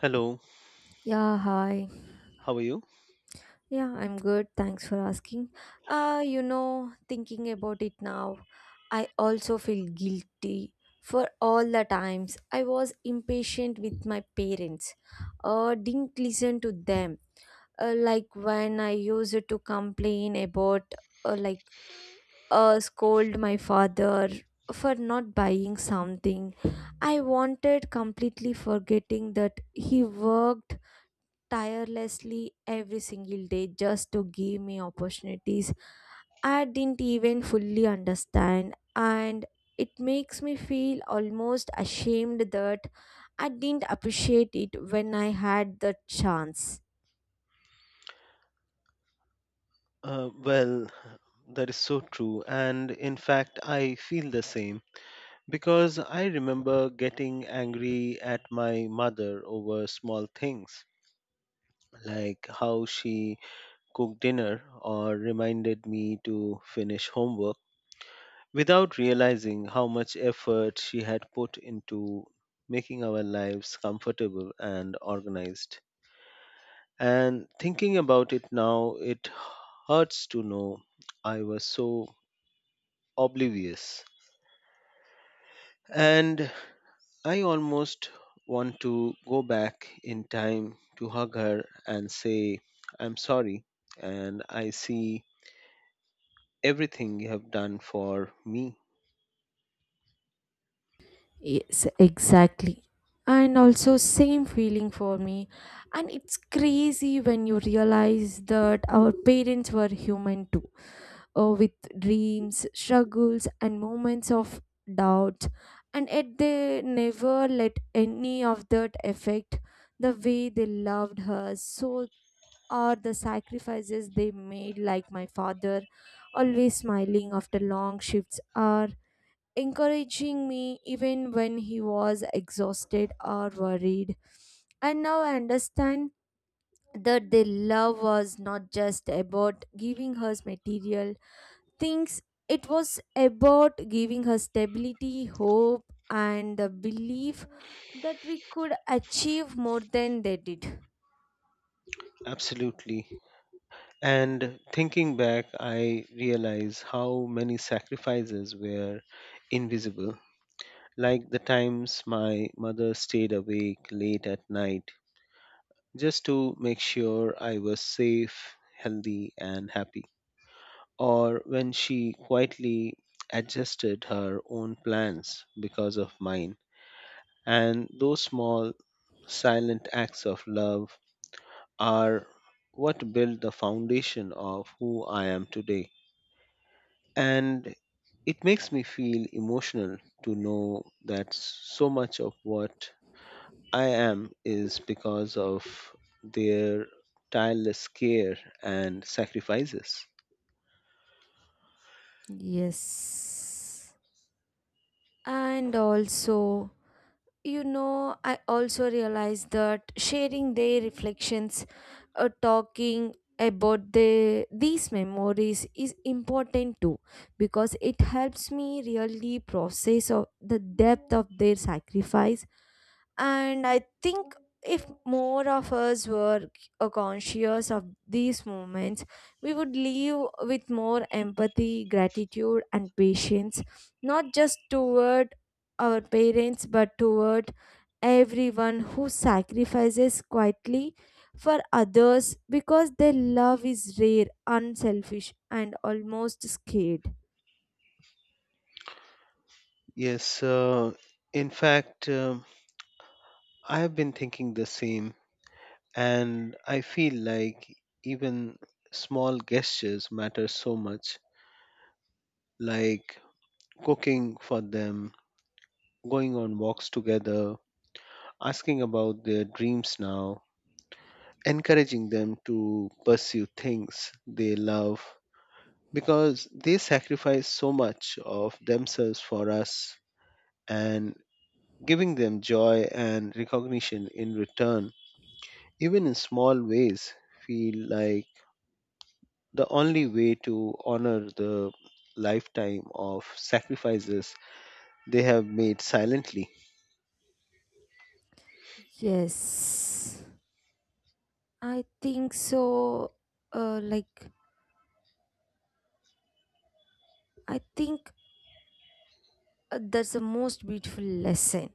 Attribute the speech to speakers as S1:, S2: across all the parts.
S1: Hello,
S2: Yeah, hi.
S1: how are you?
S2: Yeah, I'm good. Thanks for asking. Thinking about it now, I also feel guilty for all the times I was impatient with my parents or didn't listen to them. Like when I used to complain about, uh, like, scold my father for not buying something I wanted, completely forgetting that he worked tirelessly every single day just to give me opportunities I didn't even fully understand, and it makes me feel almost ashamed that I didn't appreciate it when I had the chance.
S1: Well, that is so true. And in fact, I feel the same because I remember getting angry at my mother over small things like how she cooked dinner or reminded me to finish homework without realizing how much effort she had put into making our lives comfortable and organized. And thinking about it now, it hurts to know I was so oblivious. And I almost want to go back in time to hug her and say, I'm sorry, and I see everything you have done for me.
S2: Yes, exactly. And also same feeling for me. And it's crazy when you realize that our parents were human too, with dreams, struggles, and moments of doubt. And yet they never let any of that affect the way they loved her. So are the sacrifices they made, like my father, always smiling after long shifts, are encouraging me even when he was exhausted or worried. And now I understand that their love was not just about giving her material thinks, it was about giving her stability, hope, and the belief that we could achieve more than they did.
S1: Absolutely. And thinking back, I realize how many sacrifices were invisible, like the times my mother stayed awake late at night just to make sure I was safe, healthy, and happy. Or when she quietly adjusted her own plans because of mine. And those small, silent acts of love are what build the foundation of who I am today. And it makes me feel emotional to know that so much of what I am is because of their tireless care and sacrifices.
S2: Yes. And also, you know, I also realized that sharing their reflections, talking about these memories is important too, because it helps me really process of the depth of their sacrifice. And I think if more of us were conscious of these moments, we would live with more empathy, gratitude, and patience, not just toward our parents, but toward everyone who sacrifices quietly for others, because their love is rare, unselfish, and almost scared.
S1: Yes, in fact, I have been thinking the same, and I feel like even small gestures matter so much, like cooking for them, going on walks together, asking about their dreams now, encouraging them to pursue things they love because they sacrifice so much of themselves for us and giving them joy and recognition in return, even in small ways, feel like the only way to honor the lifetime of sacrifices they have made silently.
S2: Yes, I think so. Like I think That's the most beautiful lesson,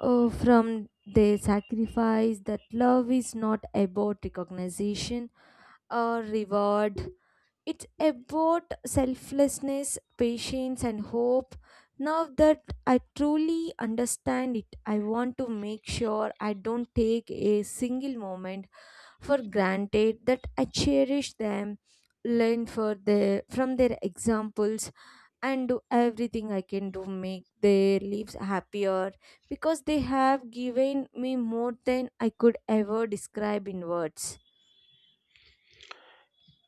S2: from their sacrifice, that love is not about recognition or reward. It's about selflessness, patience, and hope. Now that I truly understand it, I want to make sure I don't take a single moment for granted, that I cherish them, learn for their from their examples, and do everything I can to make their lives happier, because they have given me more than I could ever describe in words.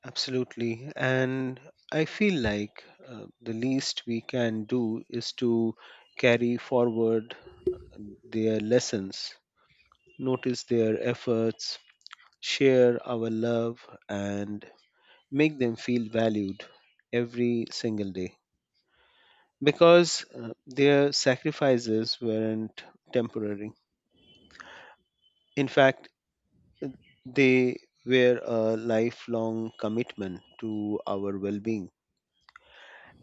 S1: Absolutely. And I feel like the least we can do is to carry forward their lessons, notice their efforts, share our love, and make them feel valued every single day because their sacrifices weren't temporary. In fact, they were a lifelong commitment to our well being.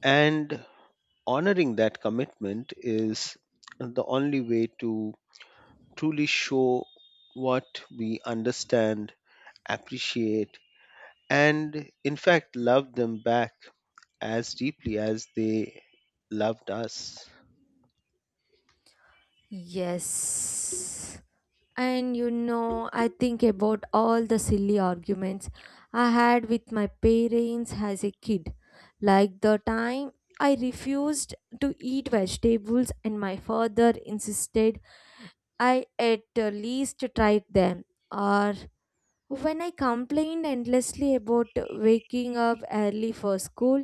S1: And honoring that commitment is the only way to truly show what we understand, appreciate, and in fact, love them back as deeply as they loved us.
S2: Yes. And you know, I think about all the silly arguments I had with my parents as a kid, like the time I refused to eat vegetables and my father insisted I at least try them, or when I complained endlessly about waking up early for school.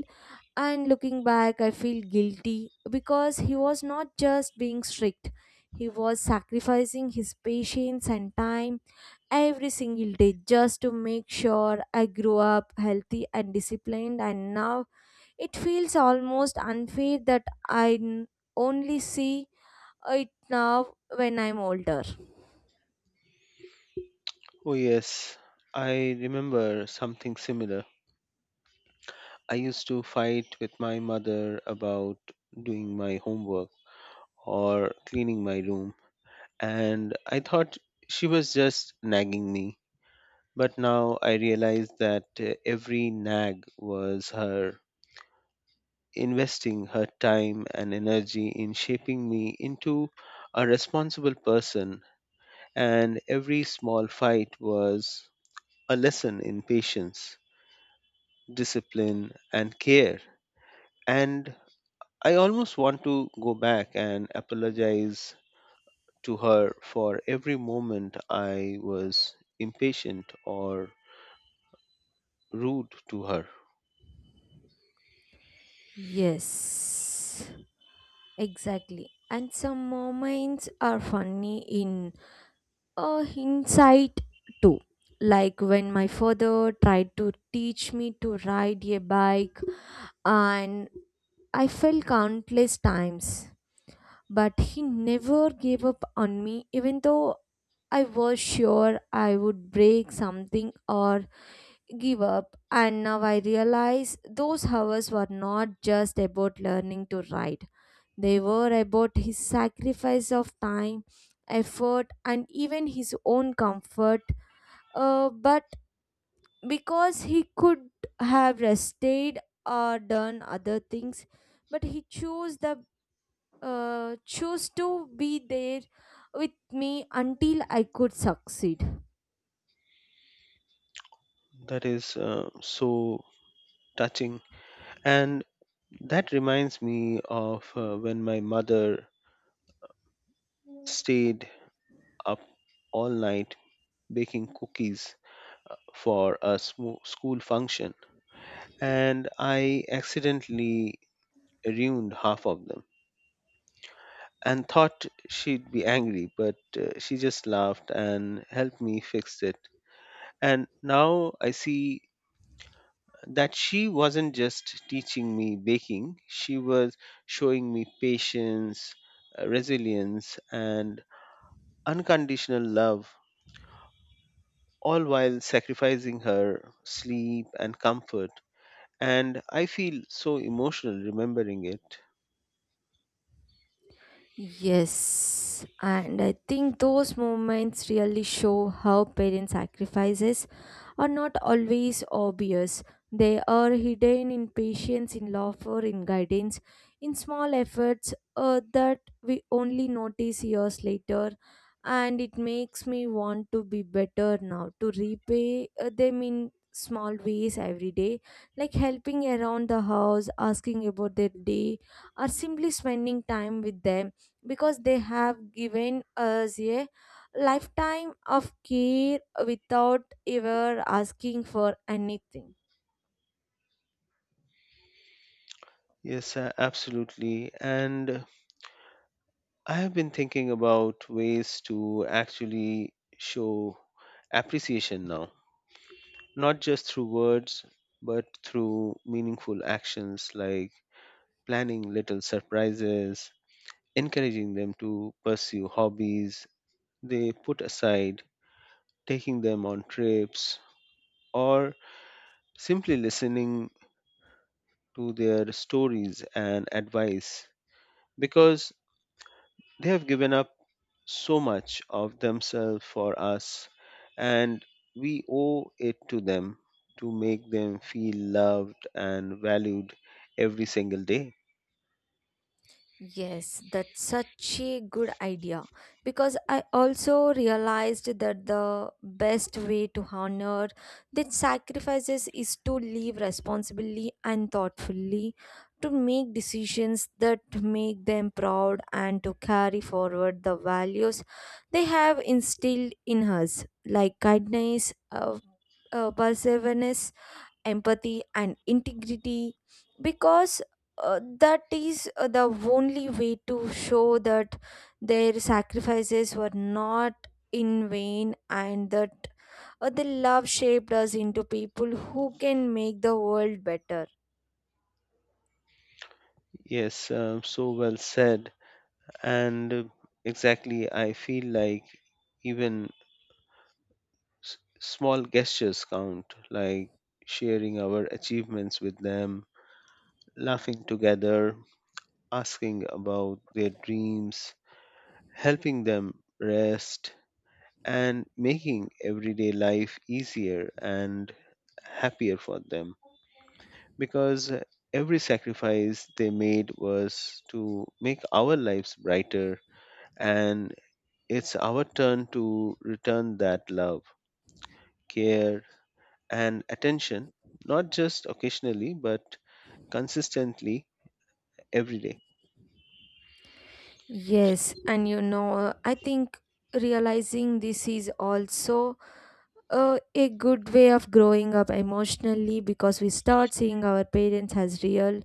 S2: And looking back, I feel guilty because he was not just being strict, he was sacrificing his patience and time every single day just to make sure I grew up healthy and disciplined. And now it feels almost unfair that only see it now when I'm older.
S1: Oh, yes, I remember something similar. I used to fight with my mother about doing my homework or cleaning my room, and I thought she was just nagging me. But now I realize that every nag was her investing her time and energy in shaping me into a responsible person, and every small fight was a lesson in patience, discipline, and care. And I almost want to go back and apologize to her for every moment I was impatient or rude to her.
S2: Yes. Exactly. And some moments are funny in hindsight too. Like when my father tried to teach me to ride a bike, and I fell countless times. But he never gave up on me, even though I was sure I would break something or give up. And now I realize those hours were not just about learning to ride, they were about his sacrifice of time, effort, and even his own comfort. But because he could have rested or done other things, but he chose the chose to be there with me until I could succeed.
S1: That is so touching. And that reminds me of when my mother stayed up all night baking cookies for a school function and I accidentally ruined half of them and thought she'd be angry, but she just laughed and helped me fix it. And now I see that she wasn't just teaching me baking, she was showing me patience, resilience, and unconditional love, all while sacrificing her sleep and comfort. And I feel so emotional remembering it.
S2: Yes, and I think those moments really show how parent sacrifices are not always obvious. They are hidden in patience, in laughter, in guidance, in small efforts that we only notice years later. And it makes me want to be better now, to repay them in small ways every day, like helping around the house, asking about their day, or simply spending time with them, because they have given us a lifetime of care without ever asking for anything.
S1: Yes, absolutely. And I have been thinking about ways to actually show appreciation now, not just through words, but through meaningful actions like planning little surprises, encouraging them to pursue hobbies they put aside, taking them on trips, or simply listening to their stories and advice. Because they have given up so much of themselves for us, and we owe it to them to make them feel loved and valued every single day.
S2: Yes, that's such a good idea, because I also realized that the best way to honor these sacrifices is to live responsibly and thoughtfully, to make decisions that make them proud, and to carry forward the values they have instilled in us, like kindness, perseverance, empathy, and integrity, because that is the only way to show that their sacrifices were not in vain, and that the love shaped us into people who can make the world better.
S1: Yes, so well said. And exactly, I feel like even small gestures count, like sharing our achievements with them, laughing together, asking about their dreams, helping them rest, and making everyday life easier and happier for them because every sacrifice they made was to make our lives brighter, and it's our turn to return that love, care, and attention, not just occasionally but consistently every day.
S2: Yes, and you know, I think realizing this is also a good way of growing up emotionally, because we start seeing our parents as real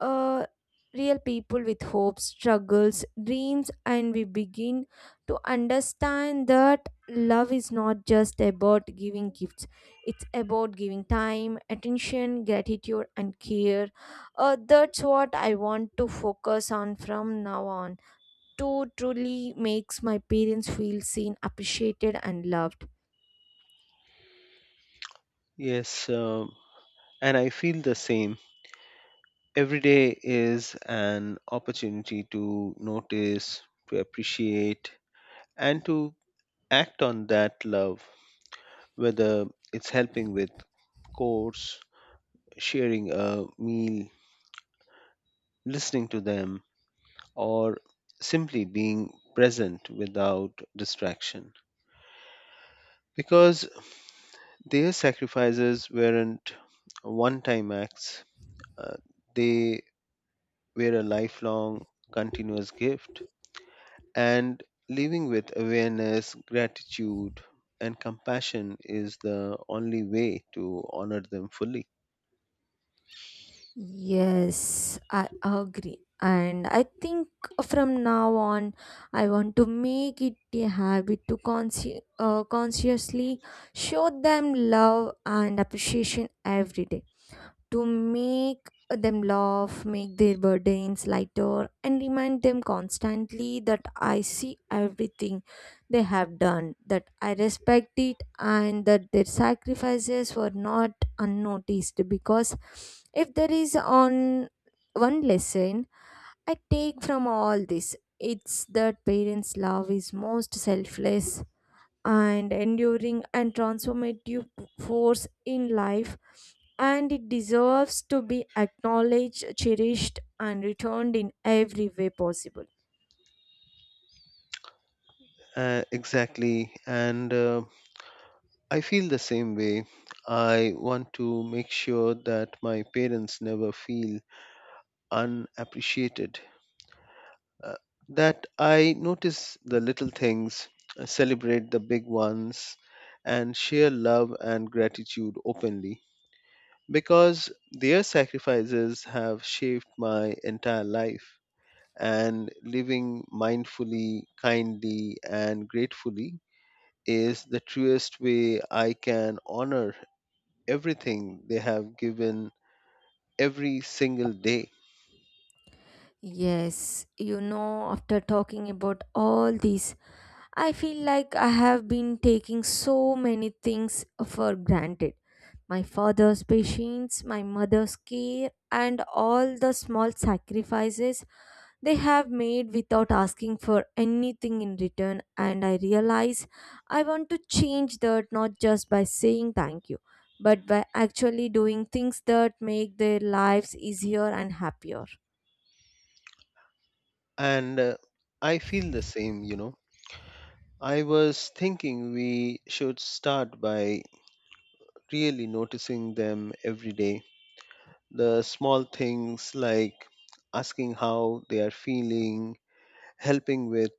S2: uh, real people with hopes, struggles, dreams, and we begin to understand that love is not just about giving gifts, it's about giving time, attention, gratitude, and care. That's what I want to focus on from now on, to truly makes my parents feel seen, appreciated, and loved.
S1: Yes, and I feel the same. Every day is an opportunity to notice, to appreciate, and to act on that love, whether it's helping with chores, sharing a meal, listening to them, or simply being present without distraction. Because their sacrifices weren't one time acts, uh, they were a lifelong, continuous gift. And living with awareness, gratitude, and compassion is the only way to honor them fully.
S2: Yes, I agree. And I think from now on, I want to make it a habit to consciously show them love and appreciation every day, to make them laugh, make their burdens lighter, and remind them constantly that I see everything they have done, that I respect it, and that their sacrifices were not unnoticed. Because if there is on one lesson I take from all this, it's that parents' love is most selfless and enduring and transformative force in life, and it deserves to be acknowledged, cherished, and returned in every way possible.
S1: Exactly. And I feel the same way. I want to make sure that my parents never feel unappreciated, uh, that I notice the little things, celebrate the big ones, and share love and gratitude openly because their sacrifices have shaped my entire life. And living mindfully, kindly, and gratefully is the truest way I can honor everything they have given every single day.
S2: Yes, you know, after talking about all this, I feel like I have been taking so many things for granted. My father's patience, my mother's care, and all the small sacrifices they have made without asking for anything in return. And I realize I want to change that, not just by saying thank you, but by actually doing things that make their lives easier and happier.
S1: And I feel the same, you know. I was thinking we should start by really noticing them every day. The small things like asking how they are feeling, helping with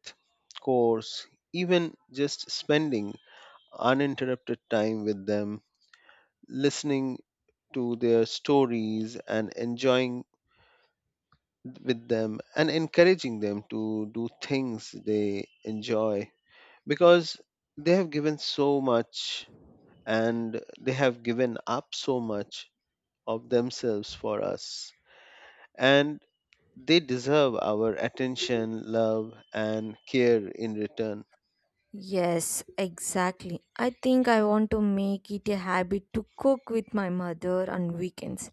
S1: course, even just spending uninterrupted time with them, listening to their stories and enjoying with them and encouraging them to do things they enjoy because they have given so much and they have given up so much of themselves for us and they deserve our attention, love, and care in return.
S2: Yes, exactly. I think I want to make it a habit to cook with my mother on weekends,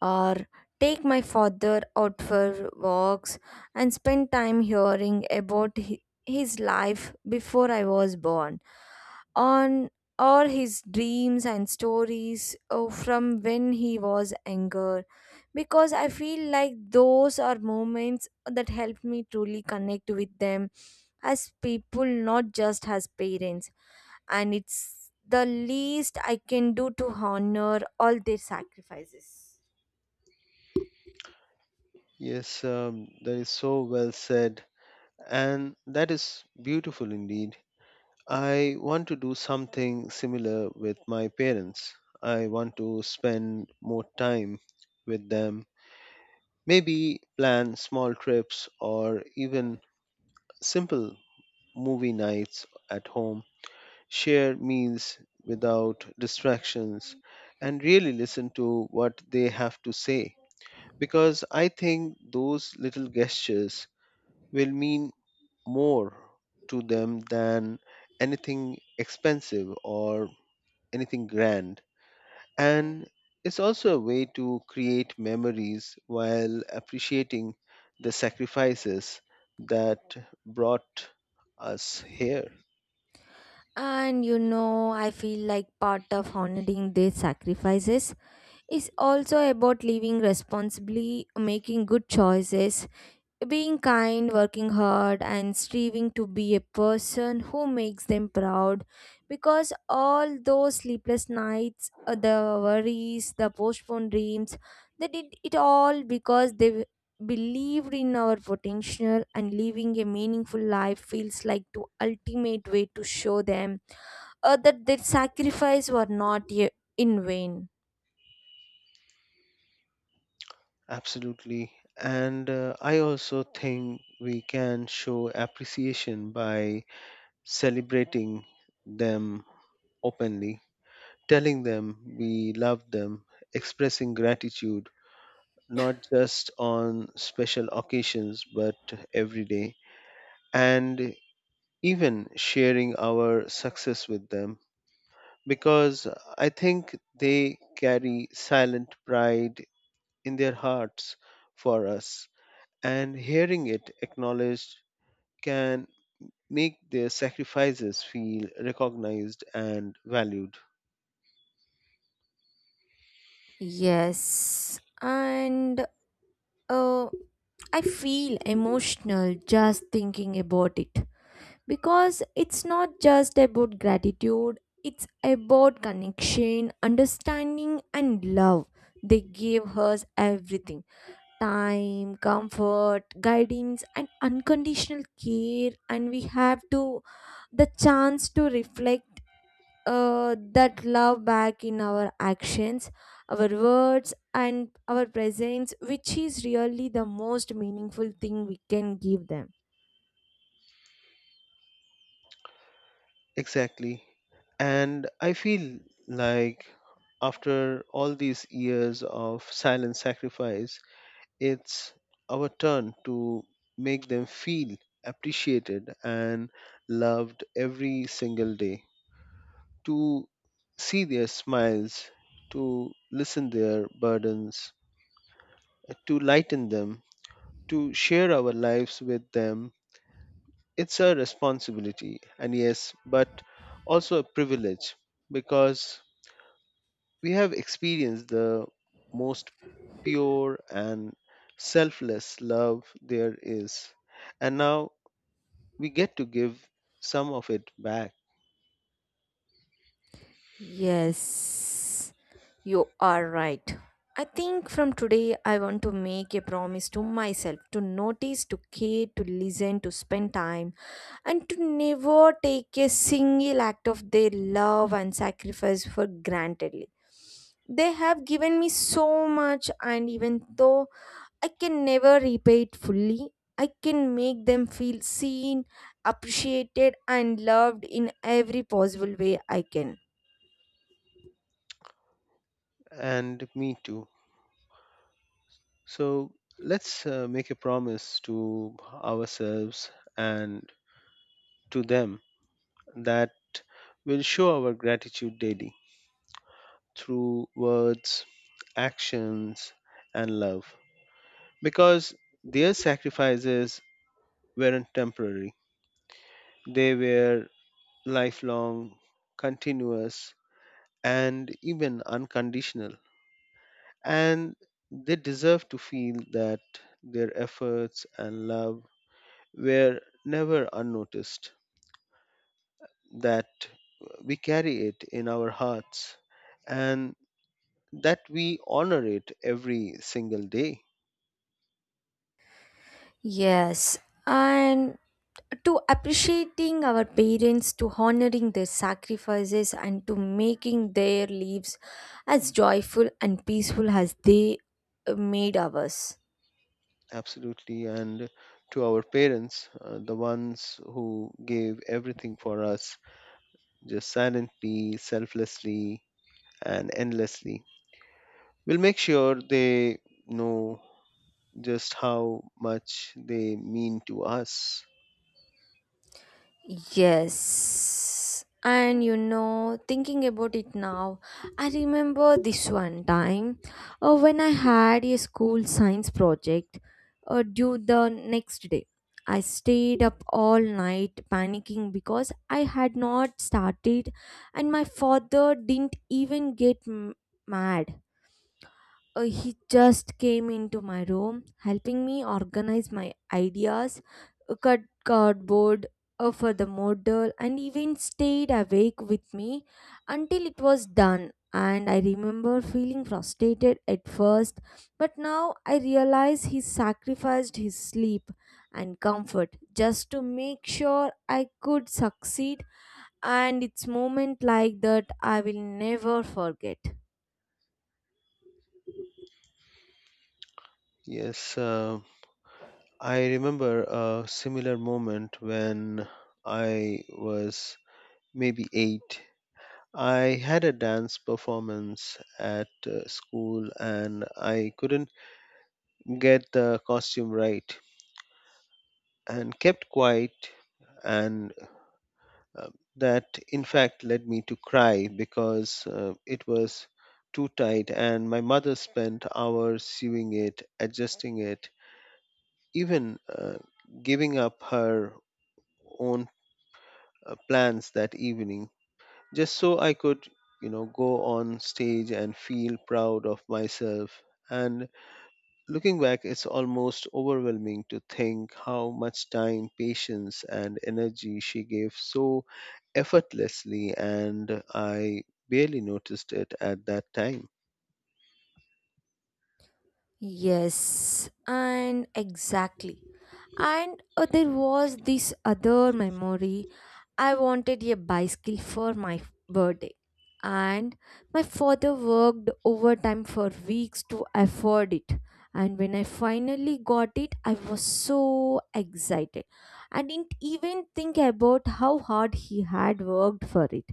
S2: or take my father out for walks and spend time hearing about his life before I was born, on all his dreams and stories oh, from when he was younger, because I feel like those are moments that helped me truly connect with them as people, not just as parents, and it's the least I can do to honor all their sacrifices.
S1: Yes, that is so well said, and that is beautiful indeed. I want to do something similar with my parents. I want to spend more time with them, maybe plan small trips or even simple movie nights at home, share meals without distractions, and really listen to what they have to say. Because I think those little gestures will mean more to them than anything expensive or anything grand. And it's also a way to create memories while appreciating the sacrifices that brought us here.
S2: And you know, I feel like part of honoring their sacrifices is also about living responsibly, making good choices, being kind, working hard, and striving to be a person who makes them proud. Because all those sleepless nights, the worries, the postponed dreams, they did it all because believed in our potential, and living a meaningful life feels like the ultimate way to show them that their sacrifice were not ye- in vain.
S1: Absolutely. And I also think we can show appreciation by celebrating them openly, telling them we love them, expressing gratitude, not just on special occasions, but every day. And even sharing our success with them, because I think they carry silent pride in their hearts for us, and hearing it acknowledged can make their sacrifices feel recognized and valued.
S2: Yes, and Uh, I feel emotional just thinking about it, because it's not just about gratitude, it's about connection, understanding, and love. They gave us everything: time, comfort, guidance, and unconditional care, and we have to the chance to reflect that love back in our actions, our words, and our presence, which is really the most meaningful thing we can give them.
S1: Exactly. And I feel like after all these years of silent sacrifice, it's our turn to make them feel appreciated and loved every single day, to see their smiles, to listen their burdens, to lighten them, to share our lives with them. It's a responsibility and yes but also a privilege because we have experienced the most pure and selfless love there is, and now we get to give some of it back.
S2: Yes, you are right. I think from today, I want to make a promise to myself to notice, to care, to listen, to spend time, and to never take a single act of their love and sacrifice for granted. They have given me so much, and even though I can never repay it fully, I can make them feel seen, appreciated, and loved in every possible way I can.
S1: And me too. So let's make a promise to ourselves and to them that we'll show our gratitude daily through words, actions, and love because their sacrifices weren't temporary, they were lifelong, continuous, and even unconditional, and they deserve to feel that their efforts and love were never unnoticed, that we carry it in our hearts, and that we honor it every single day.
S2: Yes, and to appreciating our parents, to honoring their sacrifices, and to making their lives as joyful and peaceful as they made ours.
S1: Absolutely. And to our parents, the ones who gave everything for us, just silently, selflessly, and endlessly. We'll make sure they know just how much they mean to us.
S2: Yes. And you know, thinking about it now, I remember this one time when I had a school science project due the next day. I stayed up all night panicking because I had not started, and my father didn't even get mad. He just came into my room, helping me organize my ideas, cut cardboard for the model, and even stayed awake with me until it was done. And I remember feeling frustrated at first, but now I realize he sacrificed his sleep and comfort just to make sure I could succeed. And it's moment like that I will never forget.
S1: Yes, I remember a similar moment when I was maybe eight. I had a dance performance at school and I couldn't get the costume right and kept quiet and uh, that in fact led me to cry because it was too tight, and my mother spent hours sewing it, adjusting it, even giving up her own plans that evening just so I could, you know, go on stage and feel proud of myself. And looking back, it's almost overwhelming to think how much time, patience, and energy she gave so effortlessly, and I barely noticed it at that time.
S2: Yes, and exactly. And there was this other memory. I wanted a bicycle for my birthday, and my father worked overtime for weeks to afford it. And when I finally got it, I was so excited. I didn't even think about how hard he had worked for it.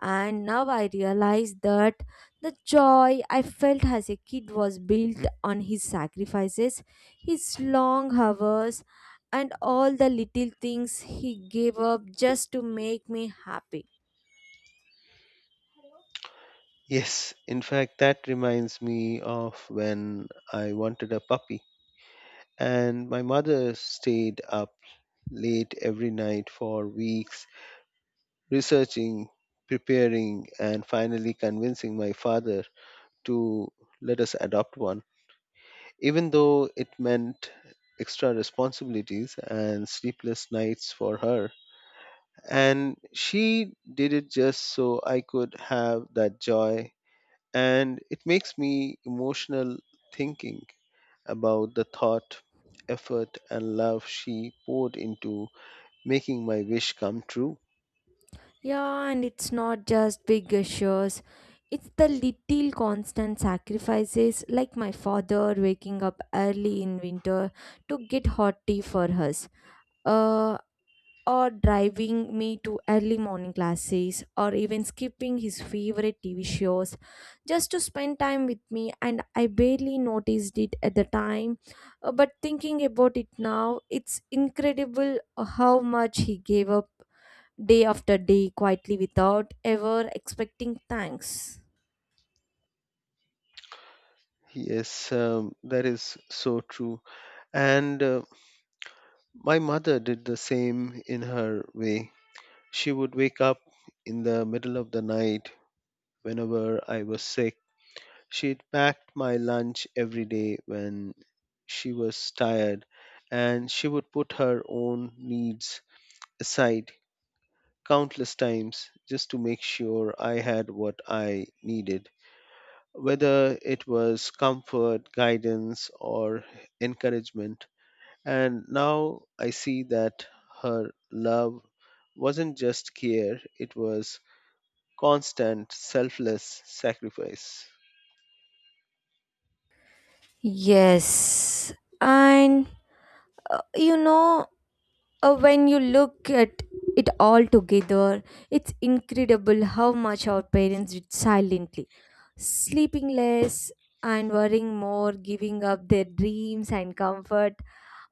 S2: And now I realize that the joy I felt as a kid was built on his sacrifices, his long hours, and all the little things he gave up just to make me happy.
S1: Yes, in fact, that reminds me of when I wanted a puppy, and my mother stayed up late every night for weeks researching, preparing, and finally convincing my father to let us adopt one, even though it meant extra responsibilities and sleepless nights for her. And she did it just so I could have that joy. And it makes me emotional thinking about the thought, effort, and love she poured into making my wish come true.
S2: Yeah, and it's not just big gestures. It's the little constant sacrifices, like my father waking up early in winter to get hot tea for us. Uh, or driving me to early morning classes, or even skipping his favorite TV shows just to spend time with me, and I barely noticed it at the time. But thinking about it now, it's incredible how much he gave up day after day, quietly, without ever expecting thanks.
S1: Yes, that is so true. And my mother did the same in her way. She would wake up in the middle of the night whenever I was sick. She packed my lunch every day when she was tired, and she would put her own needs aside countless times just to make sure I had what I needed, whether it was comfort, guidance, or encouragement. And now I see that her love wasn't just care, it was constant selfless sacrifice.
S2: Yes, and uh, you know when you look at it all together, it's incredible how much our parents did silently, sleeping less and worrying more, giving up their dreams and comfort.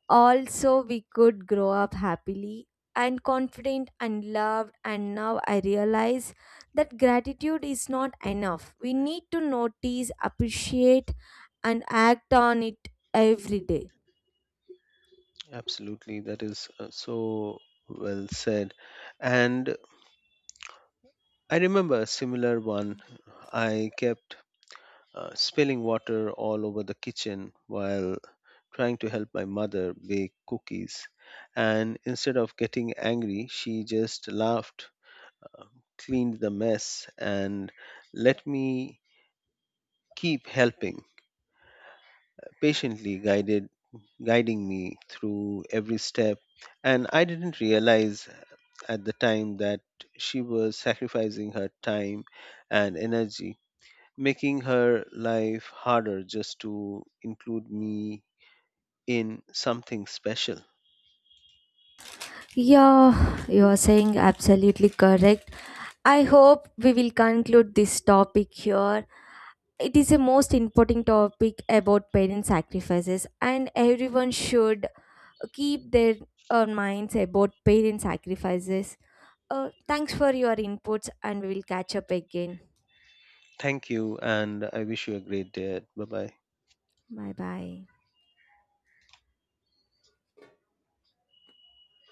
S2: Also, we could grow up happily and confident and loved. And now I realize that gratitude is not enough. We need to notice, appreciate, and act on it every day.
S1: Absolutely. That is so well said. And I remember a similar one. I kept spilling water all over the kitchen while trying to help my mother bake cookies, and instead of getting angry she just laughed, cleaned the mess, and let me keep helping, patiently guided guiding me through every step. And I didn't realize at the time that she was sacrificing her time and energy, making her life harder just to include me in something special.
S2: Yeah, you are saying absolutely correct. I hope we will conclude this topic here. It is a most important topic about parent sacrifices, and everyone should keep their minds about parent sacrifices. Thanks for your inputs, and we will catch up again.
S1: Thank you, and I wish you a great day. Bye bye.
S2: Bye bye.